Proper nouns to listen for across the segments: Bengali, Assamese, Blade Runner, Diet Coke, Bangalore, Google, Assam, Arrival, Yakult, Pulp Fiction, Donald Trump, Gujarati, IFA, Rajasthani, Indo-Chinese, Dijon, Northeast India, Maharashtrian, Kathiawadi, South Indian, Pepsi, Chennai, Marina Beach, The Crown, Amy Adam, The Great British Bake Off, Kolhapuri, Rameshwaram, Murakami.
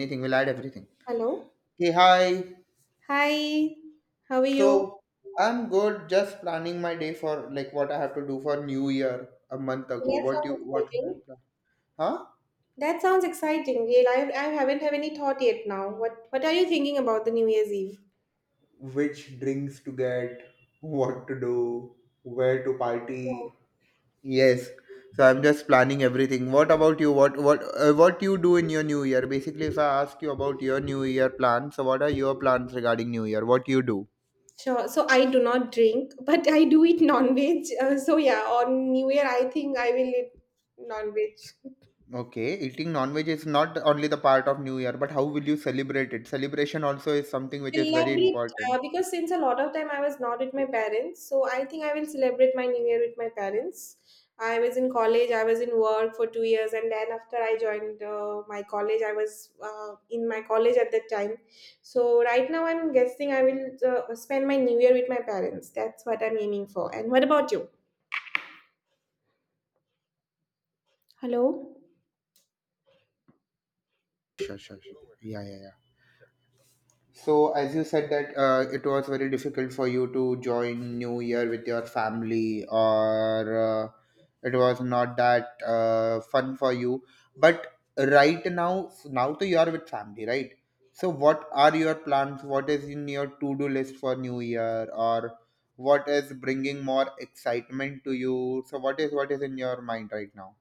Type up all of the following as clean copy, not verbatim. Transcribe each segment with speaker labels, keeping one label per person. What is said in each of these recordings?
Speaker 1: Anything, we'll add everything.
Speaker 2: Hello.
Speaker 1: Hey hi.
Speaker 2: Hi. How are you?
Speaker 1: So I'm good, just planning my day for like what I have to do for New Year a month ago.
Speaker 2: That
Speaker 1: What
Speaker 2: sounds
Speaker 1: you what you
Speaker 2: exciting.
Speaker 1: plan? Huh?
Speaker 2: That sounds exciting. Yeah, I haven't have any thought yet now. What are you thinking about the New Year's Eve?
Speaker 1: Which drinks to get, what to do, where to party. Yes. So I'm just planning everything. What about you? What you do in your New Year? Basically, if I ask you about your New Year plans, so what are your plans regarding New Year? What you do?
Speaker 2: Sure. So I do not drink, but I do eat non-veg. So yeah, on New Year I think I will eat non-veg.
Speaker 1: Okay, eating non-veg is not only the part of New Year, but how will you celebrate it? Celebration also is something which is very
Speaker 2: Celebrate
Speaker 1: important.
Speaker 2: because since a lot of time I was not with my parents, so I think I will celebrate my New Year with my parents. I was in college, I was in work for 2 years, and then after I joined my college, I was in my college at that time. So right now, I'm guessing I will spend my New Year with my parents. That's what I'm aiming for. And what about you? Hello.
Speaker 1: Sure, sure, sure. Yeah, yeah, yeah. So, as you said that it was very difficult for you to join New Year with your family, or it was not that fun for you. But right now, now to you are with family, right? So, what are your plans? What is in your to-do list for New Year, or what is bringing more excitement to you? So, what is in your mind right now?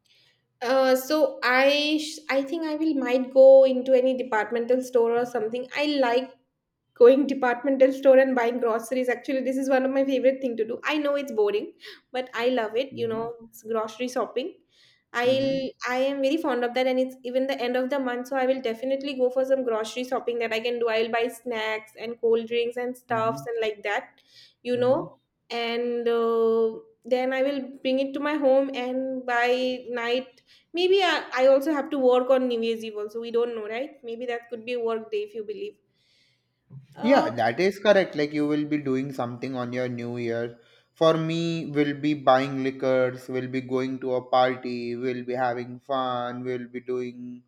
Speaker 2: So I think I will might go into any departmental store or something. I like going departmental store and buying groceries, actually this is one of my favorite thing to do. I know it's boring, but I love it.
Speaker 1: Mhm.
Speaker 2: It's grocery shopping.
Speaker 1: Mm-hmm.
Speaker 2: I'll i am very fond of that. And it's even the end of the month, so I will definitely go for some grocery shopping that I can do. I'll buy snacks and cold drinks and stuffs
Speaker 1: Mm-hmm.
Speaker 2: and like that, you know
Speaker 1: Mm-hmm.
Speaker 2: and then I will bring it to my home, and by night maybe I also have to work on new year's eve also. We don't know, right? Maybe that could be a work day, if you believe. Uh,
Speaker 1: Yeah, that is correct. Like you will be doing something on your new year. For me, we'll be buying liquors, we'll be going to a party, we'll be having fun, we'll be doing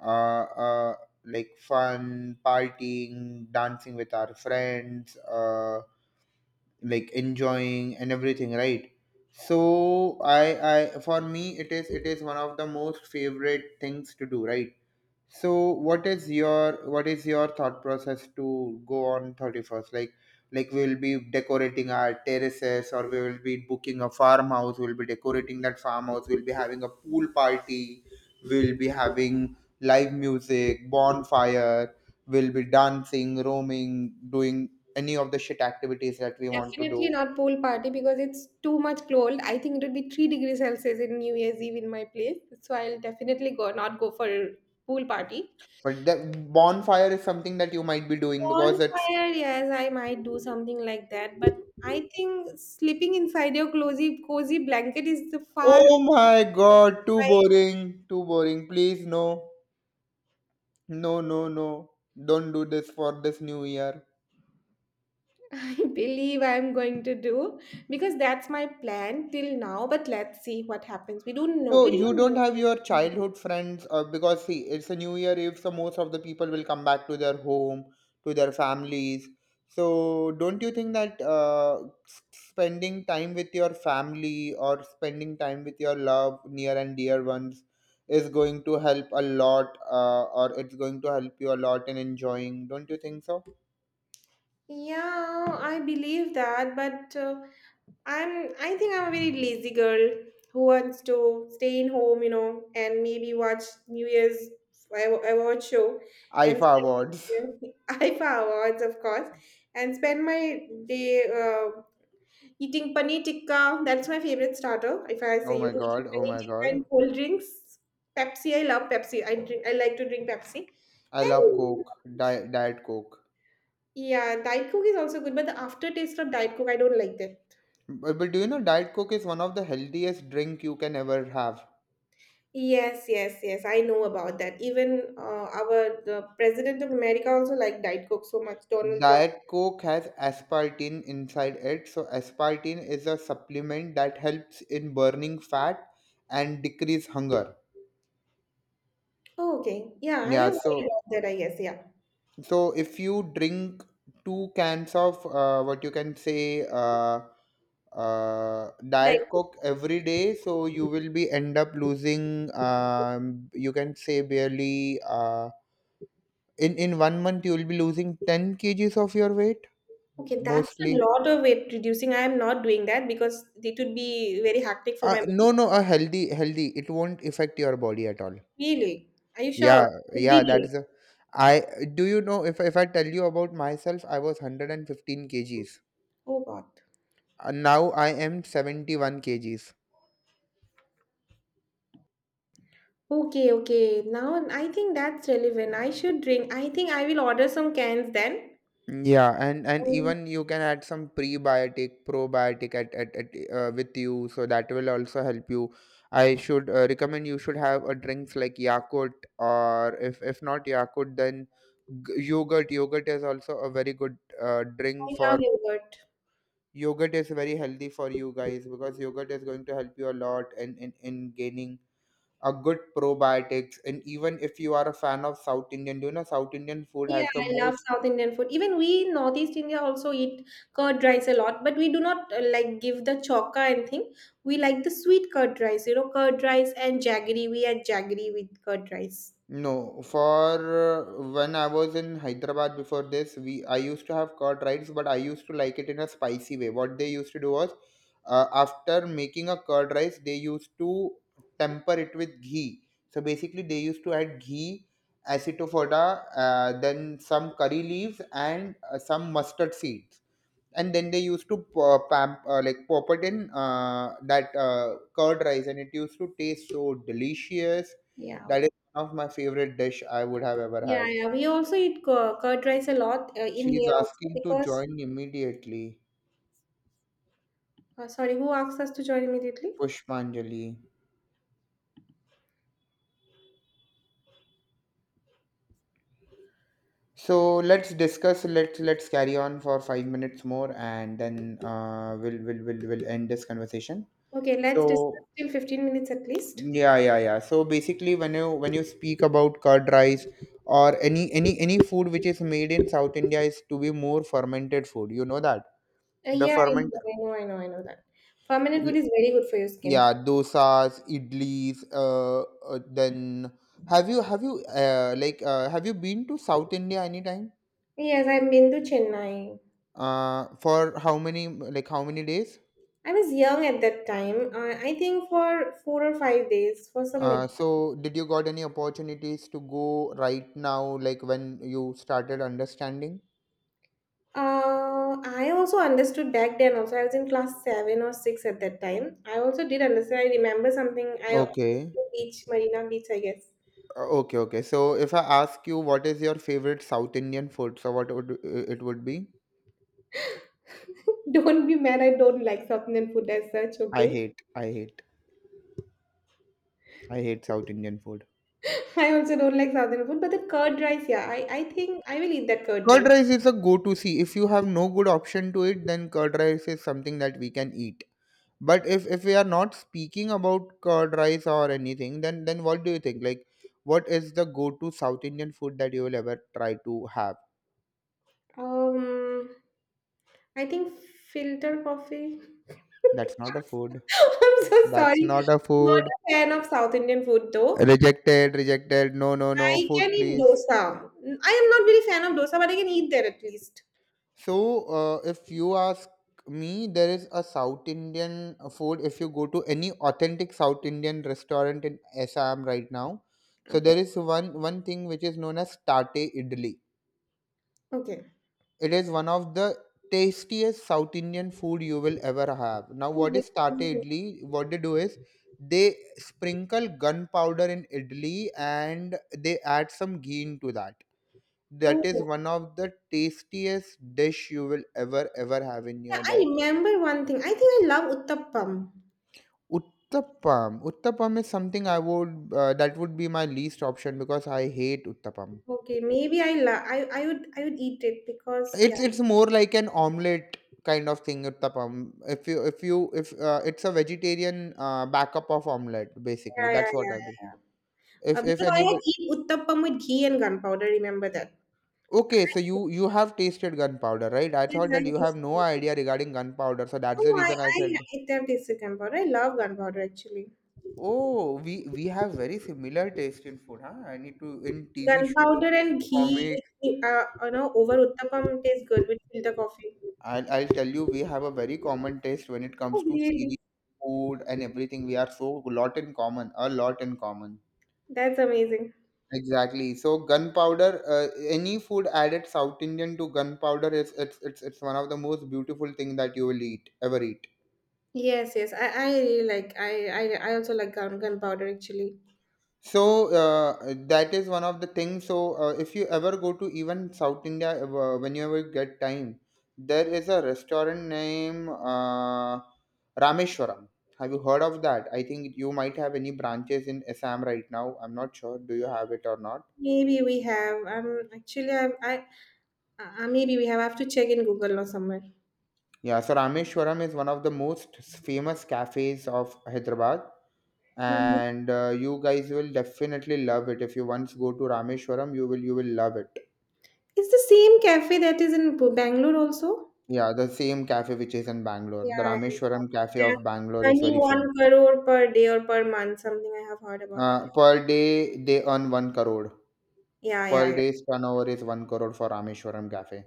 Speaker 1: uh, uh like fun partying, dancing with our friends, uh, like enjoying and everything, right? So I for me it is one of the most favorite things to do, right? So what is your thought process to go on 31st? Like we'll be decorating our terraces, or we will be booking a farmhouse, we'll be decorating that farmhouse, we'll be having a pool party, we'll be having live music, bonfire, we'll be dancing, roaming, doing any of the shit activities that we want to
Speaker 2: Definitely
Speaker 1: do.
Speaker 2: not pool party because it's too much cold. I think it would be 3 degrees Celsius in New Year's Eve in my place. So I'll definitely go not go for pool party.
Speaker 1: But the bonfire is something that you might be doing because it's
Speaker 2: Bonfire, yes, I might do something like that, but I think sleeping inside your cozy blanket is the far.
Speaker 1: oh my god, too
Speaker 2: I
Speaker 1: boring, too boring. Please no. No, no, no. Don't do this for this new year.
Speaker 2: believe I'm going to do because that's my plan till now. But let's see what happens. We don't know.
Speaker 1: So
Speaker 2: We
Speaker 1: you
Speaker 2: don't
Speaker 1: don't
Speaker 2: know.
Speaker 1: have your childhood friends, because see, it's a new year. If so, most of the people will come back to their home, to their families. So don't you think that spending time with your family or spending time with your love, near and dear ones, is going to help a lot, or it's going to help you a lot in enjoying? Don't you think so?
Speaker 2: Yeah, I believe that, but I think I'm a very lazy girl who wants to stay in home, and maybe watch New Year's award show and
Speaker 1: IFA awards.
Speaker 2: spend IFA awards, of course, and spend my day eating paneer tikka. That's my favorite starter. If I
Speaker 1: Oh
Speaker 2: say you
Speaker 1: my
Speaker 2: eating
Speaker 1: god! Oh
Speaker 2: paneer
Speaker 1: my
Speaker 2: tikka
Speaker 1: god!
Speaker 2: and cold drinks, Pepsi. I love Pepsi. I like to drink Pepsi,
Speaker 1: I love
Speaker 2: and
Speaker 1: Coke, Diet Coke.
Speaker 2: yeah, Diet Coke is also good, but the aftertaste of Diet Coke I don't like that.
Speaker 1: But do you know Diet Coke is one of the healthiest drink you can ever have.
Speaker 2: Yes, yes, yes. I know about that. Even our the president of America also liked Diet Coke so much, Donald Trump.
Speaker 1: Diet Coke has aspartame inside it. So aspartame is a supplement that helps in burning fat and decrease hunger.
Speaker 2: Oh, okay. Yeah, I
Speaker 1: Yeah,
Speaker 2: have heard
Speaker 1: so
Speaker 2: about that, I guess. Yeah.
Speaker 1: so if you drink two cans of what you can say
Speaker 2: Diet
Speaker 1: diet
Speaker 2: Coke.
Speaker 1: coke every day, so you will be end up losing you can say barely in 1 month you will be losing 10 kgs of your weight
Speaker 2: Okay, that's a
Speaker 1: mostly.
Speaker 2: lot of weight reducing. I am not doing that because it would be very hectic for my body.
Speaker 1: No, no, a healthy. It won't affect your body at all.
Speaker 2: Really? Are you sure?
Speaker 1: Yeah,
Speaker 2: Every
Speaker 1: yeah, that
Speaker 2: day.
Speaker 1: is a I do you know if I tell you about myself, I was 115 kgs.
Speaker 2: Oh God.
Speaker 1: Now I am 71 kgs.
Speaker 2: Okay, okay. Now I think that's relevant. I should drink. I think I will order some cans then.
Speaker 1: Yeah, and
Speaker 2: And
Speaker 1: even you can add some prebiotic, probiotic at with you, so that will also help you. I should recommend you should have a drinks like Yakult, or if not Yakult, then yogurt. Yogurt is also a very good drink
Speaker 2: I love
Speaker 1: for
Speaker 2: yogurt.
Speaker 1: yogurt is very healthy for you guys because yogurt is going to help you a lot in gaining a good probiotics. And even if you are a fan of South Indian, do you know South Indian food
Speaker 2: Yeah,
Speaker 1: has the
Speaker 2: I love
Speaker 1: most
Speaker 2: South Indian food. Even we in Northeast India also eat curd rice a lot, but we do not like give the choka and thing. We like the sweet curd rice, curd rice and jaggery. We add jaggery with curd rice.
Speaker 1: no, for when I was in Hyderabad before this, we I used to have curd rice, but I used to like it in a spicy way. What they used to do was, after making a curd rice, they used to temper it with ghee. So basically, they used to add ghee, acetofoda, then some curry leaves, and some mustard seeds, and then they used to like pop it in that curd rice, and it used to taste so delicious.
Speaker 2: Yeah. Okay.
Speaker 1: That is one of my favorite dish I would have ever
Speaker 2: Yeah,
Speaker 1: had.
Speaker 2: yeah. We also eat curd rice a lot in
Speaker 1: She's
Speaker 2: here also
Speaker 1: asking to
Speaker 2: because,
Speaker 1: join immediately.
Speaker 2: sorry, who asked us to join immediately?
Speaker 1: Pushpanjali. So let's discuss, let's carry on for 5 minutes more, and then we'll end this conversation.
Speaker 2: Okay, let's discuss
Speaker 1: So
Speaker 2: till 15 minutes at least.
Speaker 1: yeah, yeah, yeah. So basically, when you speak about curd rice or any food which is made in South India is to be more fermented food. You know that the
Speaker 2: Yeah, I know,
Speaker 1: ferment,
Speaker 2: I know, I know, I know that. Fermented food
Speaker 1: l-
Speaker 2: is very good for your skin.
Speaker 1: yeah, dosas, idlis. Then have you like have you been to South India anytime?
Speaker 2: Yes, I've been to Chennai.
Speaker 1: For how many, like how many days?
Speaker 2: I was young at that time. I think for 4 or 5 days for some minutes.
Speaker 1: So did you got any opportunities to go right now? Like when you started understanding?
Speaker 2: I also understood back then. Also, I was in class 7 or 6 at that time. I also did understand. I remember something. I also
Speaker 1: Okay.
Speaker 2: beach, Marina Beach, I guess.
Speaker 1: Okay, okay. So if I ask you what is your favorite South Indian food, so what would it would be?
Speaker 2: Don't be mad. I don't like South Indian food as such.
Speaker 1: I
Speaker 2: Okay.
Speaker 1: hate, I hate, I hate South Indian food.
Speaker 2: I also don't like South Indian food, but the curd rice, yeah. I think I will eat that curd
Speaker 1: Curd
Speaker 2: rice.
Speaker 1: rice is a go-to. See, if you have no good option to it, then curd rice is something that we can eat. But if we are not speaking about curd rice or anything, then what do you think? Like, what is the go-to South Indian food that you will ever try to have?
Speaker 2: Um, I think filter coffee.
Speaker 1: That's not a food.
Speaker 2: I'm so
Speaker 1: That's
Speaker 2: sorry.
Speaker 1: not a
Speaker 2: Not
Speaker 1: food.
Speaker 2: a fan of South Indian food though.
Speaker 1: Rejected, rejected. No, no, no.
Speaker 2: I
Speaker 1: Food,
Speaker 2: can eat
Speaker 1: please.
Speaker 2: dosa. I am not very fan of dosa, but I can eat there at least.
Speaker 1: So, if you ask me, there is a South Indian food. If you go to any authentic South Indian restaurant in Assam right now, so
Speaker 2: Okay.
Speaker 1: there is one thing which is known as tate idli.
Speaker 2: Okay.
Speaker 1: It is one of the tastiest South Indian food you will ever have. Now,
Speaker 2: Oh,
Speaker 1: what
Speaker 2: really?
Speaker 1: is tate idli? What they do is they sprinkle gunpowder in idli and they add some ghee into that. That is
Speaker 2: Oh.
Speaker 1: one of the tastiest dish you will ever ever have in
Speaker 2: Yeah,
Speaker 1: your
Speaker 2: I
Speaker 1: life.
Speaker 2: remember one thing. I think I love uttappam.
Speaker 1: Uttapam, is something I would, that would be my least option because I hate uttapam.
Speaker 2: Okay, maybe I love. I would eat it because yeah,
Speaker 1: It's more like an omelet kind of thing, uttapam. If you if you if It's a vegetarian backup of omelet, basically.
Speaker 2: yeah, yeah,
Speaker 1: That's what
Speaker 2: yeah,
Speaker 1: I
Speaker 2: yeah.
Speaker 1: do
Speaker 2: Yeah.
Speaker 1: if
Speaker 2: Because I had
Speaker 1: anybody.
Speaker 2: eat uttappam with ghee and gunpowder. Remember that?
Speaker 1: Okay, so you have tasted gunpowder, right? I
Speaker 2: Yes,
Speaker 1: thought
Speaker 2: I
Speaker 1: that you have
Speaker 2: tasted
Speaker 1: no
Speaker 2: gunpowder.
Speaker 1: idea regarding gunpowder, so
Speaker 2: No,
Speaker 1: that's the reason I
Speaker 2: I
Speaker 1: said.
Speaker 2: it have tasted gunpowder. I love gunpowder actually.
Speaker 1: Oh, we have very similar taste in food, huh? I need to in TV shows,
Speaker 2: Gunpowder and
Speaker 1: in
Speaker 2: ghee,
Speaker 1: comics.
Speaker 2: with, over uttappam tastes good with filter coffee.
Speaker 1: I'll tell you, we have a very common taste when it
Speaker 2: Oh,
Speaker 1: comes to
Speaker 2: really?
Speaker 1: series, food, and everything. We are so lot in common, a lot in common.
Speaker 2: That's amazing.
Speaker 1: Exactly. So gunpowder, any food added South Indian to gunpowder is it's one of the most beautiful thing that you will eat ever eat.
Speaker 2: Yes, yes. I really like, I also like gunpowder actually.
Speaker 1: So that is one of the things. So if you ever go to even South India, whenever you ever get time, there is a restaurant named Rameshwaram. Have you heard of that? I think you might have any branches in Assam right now. I'm not sure. Do you have it or not?
Speaker 2: Maybe we have actually I maybe we have, I have to check in Google or somewhere.
Speaker 1: Yeah, so Rameshwaram is one of the most famous cafes of Hyderabad,
Speaker 2: Mhm.
Speaker 1: and you guys will definitely love it. If you once go to Rameshwaram, you will love it.
Speaker 2: It's the same cafe that is in Bangalore also.
Speaker 1: Yeah, the same cafe which is in Bangalore. The
Speaker 2: Yeah,
Speaker 1: Rameshwaram Cafe
Speaker 2: yeah.
Speaker 1: of Bangalore is
Speaker 2: Earning
Speaker 1: very famous.
Speaker 2: 1 crore per day or per month, something I have heard about it.
Speaker 1: Per day, they earn 1 crore.
Speaker 2: Yeah, yeah,
Speaker 1: Per
Speaker 2: yeah.
Speaker 1: day's turnover is 1 crore for Rameshwaram Cafe.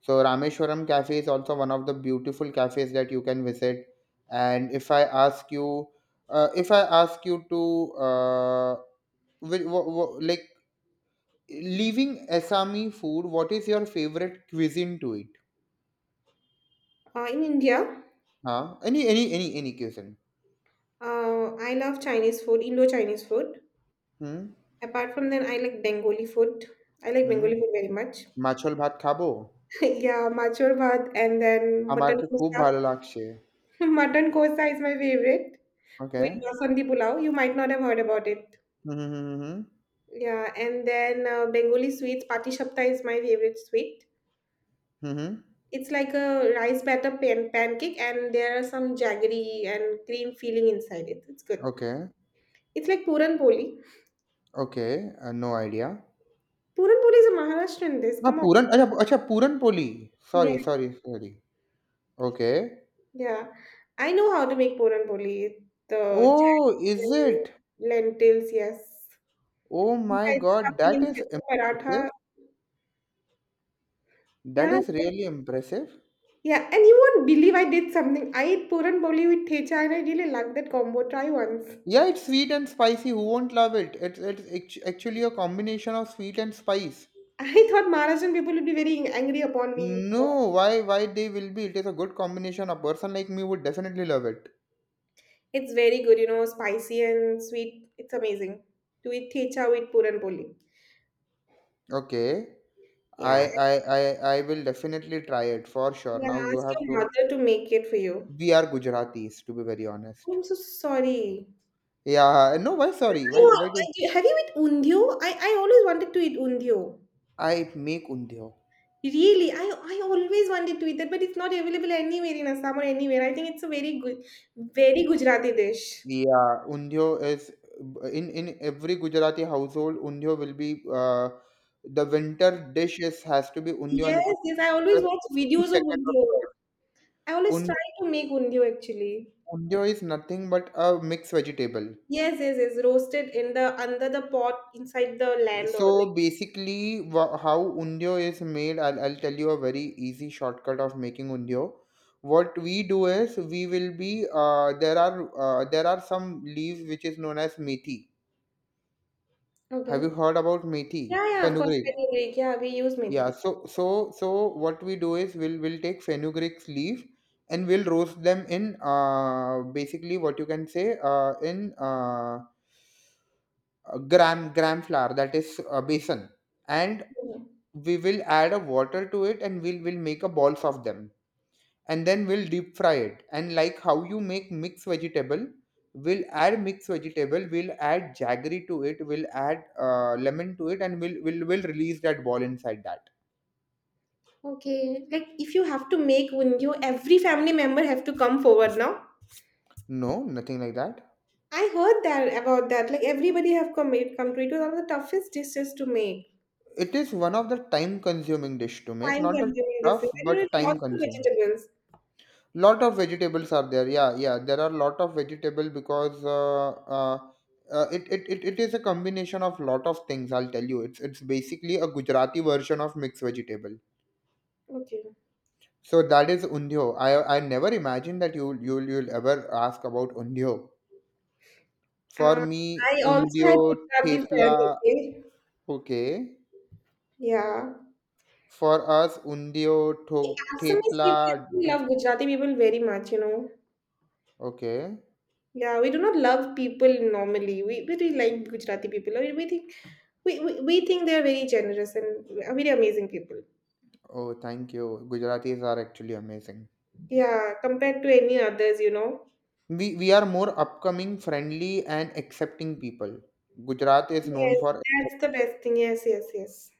Speaker 1: So, Rameshwaram Cafe is also one of the beautiful cafes that you can visit. And if I ask you, if I ask you to, uh, like, leaving Assami food, what is your favorite cuisine to eat?
Speaker 2: In India,
Speaker 1: Huh? Any cuisine?
Speaker 2: I love Chinese food, Indo-Chinese food.
Speaker 1: Hmm?
Speaker 2: Apart from that, I like Bengali food. I like
Speaker 1: Hmm?
Speaker 2: Bengali food very much.
Speaker 1: Machol bhat khabo?
Speaker 2: Okay, yeah, machur bhat and then mutton
Speaker 1: আমাকে খুব
Speaker 2: kosa.
Speaker 1: ভালো লাগছে।
Speaker 2: Mutton kosa is my favorite
Speaker 1: okay.
Speaker 2: with basmati pulao. You might not have heard about it.
Speaker 1: Hmm, hmm, hmm, hmm, hmm.
Speaker 2: Yeah, and then Bengali sweets, pati shapta is my favorite sweet.
Speaker 1: Hmm, hmm.
Speaker 2: It's like a rice batter pancake, and there are some jaggery and cream filling inside it. It's good.
Speaker 1: Okay,
Speaker 2: It's like puran poli.
Speaker 1: Okay. Uh, no idea.
Speaker 2: Puran poli is a Maharashtrian dish.
Speaker 1: हाँ,
Speaker 2: Come on.
Speaker 1: Puran अच्छा अच्छा puran poli.
Speaker 2: Yeah,
Speaker 1: sorry, sorry, sorry. Okay.
Speaker 2: yeah. I know how to make puran poli. The
Speaker 1: oh!
Speaker 2: jaggery
Speaker 1: is it?
Speaker 2: and lentils, yes.
Speaker 1: Oh my
Speaker 2: Sometimes
Speaker 1: God!
Speaker 2: stuffing
Speaker 1: that
Speaker 2: inside
Speaker 1: is
Speaker 2: the paratha.
Speaker 1: Impressive. That
Speaker 2: Yeah,
Speaker 1: is really impressive.
Speaker 2: yeah. And you won't believe I did something. I ate puran boli with thecha, and I really liked that combo. Try once.
Speaker 1: Yeah, it's sweet and spicy. Who won't love it? It's act actually a combination of sweet and spice.
Speaker 2: I thought Maharashtrian people would be very angry upon me.
Speaker 1: No, why they will be? It is a good combination. A person like me would definitely love it.
Speaker 2: It's very good, spicy and sweet. It's amazing. To eat thecha with puran boli.
Speaker 1: Okay. I
Speaker 2: Yeah,
Speaker 1: I I I will definitely try it for sure.
Speaker 2: and
Speaker 1: Now
Speaker 2: I'll
Speaker 1: you
Speaker 2: ask
Speaker 1: have
Speaker 2: your
Speaker 1: to.
Speaker 2: mother to make it for you.
Speaker 1: We are Gujaratis, to be very honest.
Speaker 2: I'm so sorry.
Speaker 1: Yeah. No. Why? Sorry. Why? Why do
Speaker 2: I, have you eat undio? I always wanted to eat undio.
Speaker 1: I make undhyo?
Speaker 2: Really, I always wanted to eat that, but it's not available anywhere in Assam or anywhere. I think it's a very good, very Gujarati dish.
Speaker 1: Yeah, undhyo is in every Gujarati household. Undhyo will be the winter dish is has to be undhyo,
Speaker 2: Yes,
Speaker 1: and it will
Speaker 2: yes.
Speaker 1: be
Speaker 2: I always
Speaker 1: prepared
Speaker 2: watch
Speaker 1: every
Speaker 2: videos of
Speaker 1: second of
Speaker 2: undio.
Speaker 1: the
Speaker 2: I always try
Speaker 1: Un
Speaker 2: to make undio actually.
Speaker 1: undhyo is nothing but a mixed vegetable.
Speaker 2: Yes, yes, yes. Roasted in the under the pot inside the land or like.
Speaker 1: So basically, how undio is made, I'll tell you a very easy shortcut of making undio. What we do is we will be there are some leaves which is known as methi. Have you
Speaker 2: Okay.
Speaker 1: heard about methi?
Speaker 2: Yeah, yeah. Of course,
Speaker 1: Fenugreek.
Speaker 2: very big. Yeah, we use
Speaker 1: Yeah.
Speaker 2: methi.
Speaker 1: So what we do is we'll take fenugreek's leaf and we'll roast them in basically what you can say in gram flour, that is besan, and
Speaker 2: Yeah.
Speaker 1: we will add a water to it and we'll make a balls of them, and then we'll deep fry it, and like how you make mixed vegetable we'll add mixed vegetable, we'll add jaggery to it, we'll add lemon to it, and we'll release that ball inside that.
Speaker 2: Okay. Like if you have to make undio, every family member have to come forward now.
Speaker 1: No, nothing like that.
Speaker 2: I heard that about that. Like everybody have come made come to, it was one of the toughest dishes to make.
Speaker 1: It is one of the time consuming dish to make,
Speaker 2: Time
Speaker 1: not the
Speaker 2: consuming dishes.
Speaker 1: tough
Speaker 2: And there were
Speaker 1: but time
Speaker 2: lots of
Speaker 1: consuming.
Speaker 2: vegetables.
Speaker 1: Lot of vegetables are there, yeah, yeah, there are lot of vegetable, because it is a combination of lot of things. I'll tell you, it's basically a Gujarati version of mixed vegetable.
Speaker 2: Okay.
Speaker 1: So that is undhyo. I never imagined that you'll ever ask about undhyo. For
Speaker 2: Uh,
Speaker 1: me,
Speaker 2: I also
Speaker 1: undhyo,
Speaker 2: had Gujarati fare
Speaker 1: thepla.
Speaker 2: that.
Speaker 1: Okay.
Speaker 2: Yeah.
Speaker 1: For us, undhyo,
Speaker 2: The Assamese
Speaker 1: thepla.
Speaker 2: people we
Speaker 1: d-
Speaker 2: love Gujarati people very much.
Speaker 1: okay.
Speaker 2: Yeah, we do not love people normally. We but we really like Gujarati people. We think they are very generous and very amazing people.
Speaker 1: Oh, thank you. Gujaratis are actually amazing.
Speaker 2: Yeah, compared to any others.
Speaker 1: We are more upcoming, friendly, and accepting people. Gujarat is known
Speaker 2: Yes,
Speaker 1: for accept-
Speaker 2: that's the best thing. Yes, yes, yes.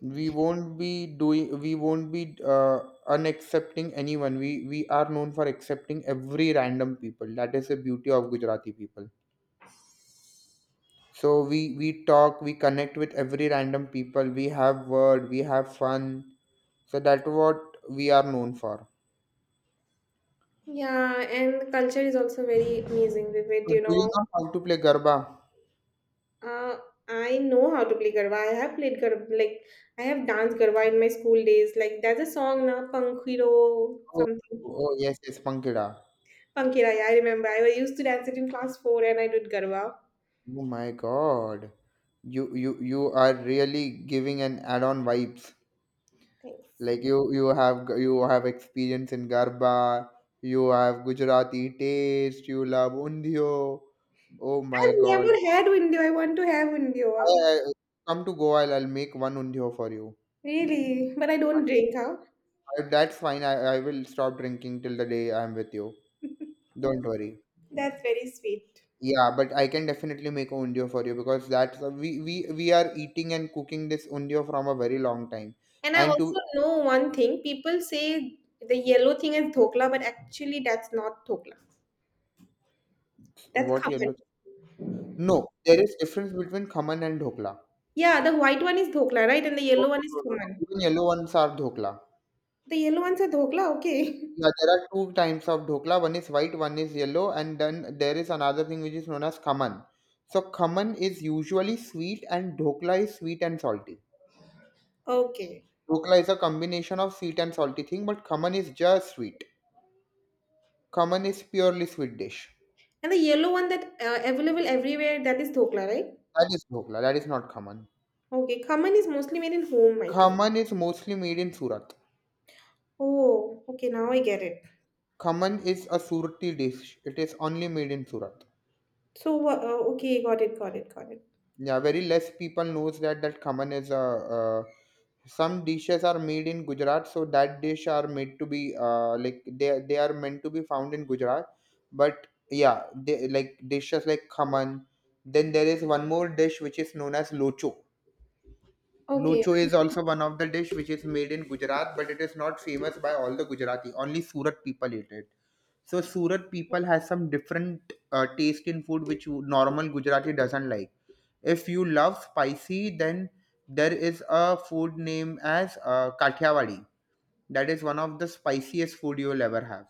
Speaker 1: we won't be doing we won't be unaccepting anyone. We are known for accepting every random people. That is the beauty of Gujarati people. So we talk, we connect with every random people. We have word, we have fun. So that's what we are known for.
Speaker 2: Yeah, and the culture is also very amazing with it,
Speaker 1: So
Speaker 2: you
Speaker 1: do you
Speaker 2: know.
Speaker 1: know how to play garba?
Speaker 2: Uh, I know how to play garba. I have played garba, like I have danced garba in my school days. Like there's a song na Pankhiro
Speaker 1: Oh,
Speaker 2: something.
Speaker 1: oh yes, yes, pankida.
Speaker 2: Pankira, yeah, I remember. I used to dance it in class 4 and I did garba.
Speaker 1: Oh my God. You are really giving an add-on vibes.
Speaker 2: Thanks.
Speaker 1: Like you have you have experience in Garba, you have Gujarati taste, you love undio. Oh my
Speaker 2: I've
Speaker 1: God.
Speaker 2: never had window. I want to have
Speaker 1: I,
Speaker 2: window.
Speaker 1: I, come to Goa, I'll make one undio for you.
Speaker 2: Really, but I don't
Speaker 1: And
Speaker 2: drink, huh?
Speaker 1: that's fine. I will stop drinking till the day I'm with you. Don't worry.
Speaker 2: That's very sweet.
Speaker 1: Yeah, but I can definitely make a undio for you, because that's we are eating and cooking this undio from a very long time
Speaker 2: And I
Speaker 1: and
Speaker 2: also
Speaker 1: to.
Speaker 2: know one thing. People say the yellow thing is dhokla, but actually that's not dhokla. That's
Speaker 1: What
Speaker 2: common.
Speaker 1: yellow? No, there is difference between khaman and dhokla.
Speaker 2: Yeah, the white one is dhokla, right? And the
Speaker 1: No,
Speaker 2: yellow one
Speaker 1: no,
Speaker 2: is
Speaker 1: no, no, no,
Speaker 2: suman.
Speaker 1: even yellow ones are dhokla.
Speaker 2: The yellow one's a dhokla, okay.
Speaker 1: Yeah, there are two types of dhokla. One is white, one is yellow, and then there is another thing which is known as khaman. So khaman is usually sweet, and dhokla is sweet and salty.
Speaker 2: Okay.
Speaker 1: Dhokla is a combination of sweet and salty thing, but khaman is just sweet. Khaman is purely sweet dish.
Speaker 2: And the yellow one that available everywhere, that is dhokla, right?
Speaker 1: That is dhokla. That is not khaman.
Speaker 2: Okay, khaman is mostly made in home, I think.
Speaker 1: Khaman is mostly made in Surat.
Speaker 2: Oh, okay, now I get it.
Speaker 1: Khaman is a Surati dish. It is only made in Surat.
Speaker 2: So, okay, got it, got it, got it.
Speaker 1: Yeah, very less people knows that that khaman is a uh, some dishes are made in Gujarat, so that dish are made to be like they are meant to be found in Gujarat. But yeah, like dishes like khaman, then there is one more dish which is known as locho.
Speaker 2: Okay,
Speaker 1: Lucho is also one of the dish which is made in Gujarat, but it is not famous by all the Gujarati. Only Surat people eat it. So Surat people has some different taste in food which normal Gujarati doesn't like. If you love spicy, then there is a food name as Kathiawadi. That is one of the spiciest food you will ever have.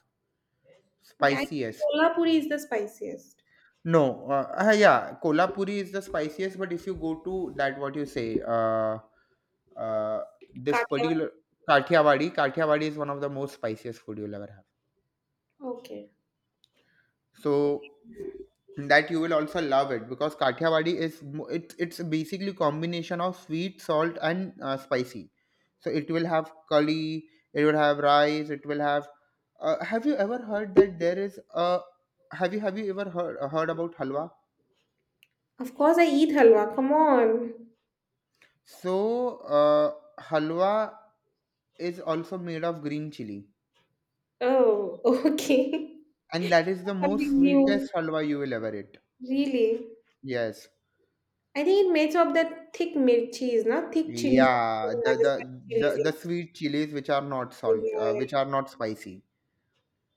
Speaker 2: okay. I think
Speaker 1: Spiciest.
Speaker 2: kola puri is the spiciest.
Speaker 1: No, yeah, Kolhapuri is the spiciest, but if you go to that, what you say, uh, this
Speaker 2: Katla.
Speaker 1: particular Kathiawadi, Kathiawadi is one of the most spiciest food you'll ever have.
Speaker 2: Okay.
Speaker 1: So that you will also love it, because Kathiawadi is it's basically combination of sweet, salt, and spicy. So it will have curry, it will have rice, it will have. Have you ever heard that there is a? Have you ever heard heard about halwa?
Speaker 2: Of course, I eat halwa. Come on.
Speaker 1: So, halwa is also made of green chili,
Speaker 2: Oh, okay.
Speaker 1: and that is the most
Speaker 2: Something new.
Speaker 1: sweetest halwa you will ever eat.
Speaker 2: Really?
Speaker 1: Yes.
Speaker 2: I think it makes up that thick mirchi is not thick chilies.
Speaker 1: Yeah,
Speaker 2: Rajasthani chilies,
Speaker 1: the sweet chilies which are not salt,
Speaker 2: yeah,
Speaker 1: which are not spicy.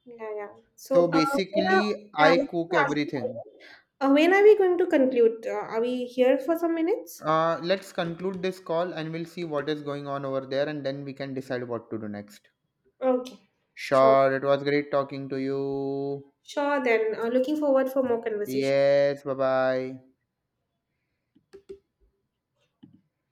Speaker 2: yeah, yeah. Yeah.
Speaker 1: So
Speaker 2: So, when are,
Speaker 1: basically,
Speaker 2: yeah, I
Speaker 1: I
Speaker 2: was
Speaker 1: cook
Speaker 2: gonna ask you about
Speaker 1: everything.
Speaker 2: it. When are we going to conclude? Are we here for some minutes?
Speaker 1: Let's conclude this call and we'll see what is going on over there, and then we can decide what to do next.
Speaker 2: Okay, sure.
Speaker 1: Sure, it was great talking to you.
Speaker 2: Sure, then. Looking forward for more conversation.
Speaker 1: Yes, bye bye.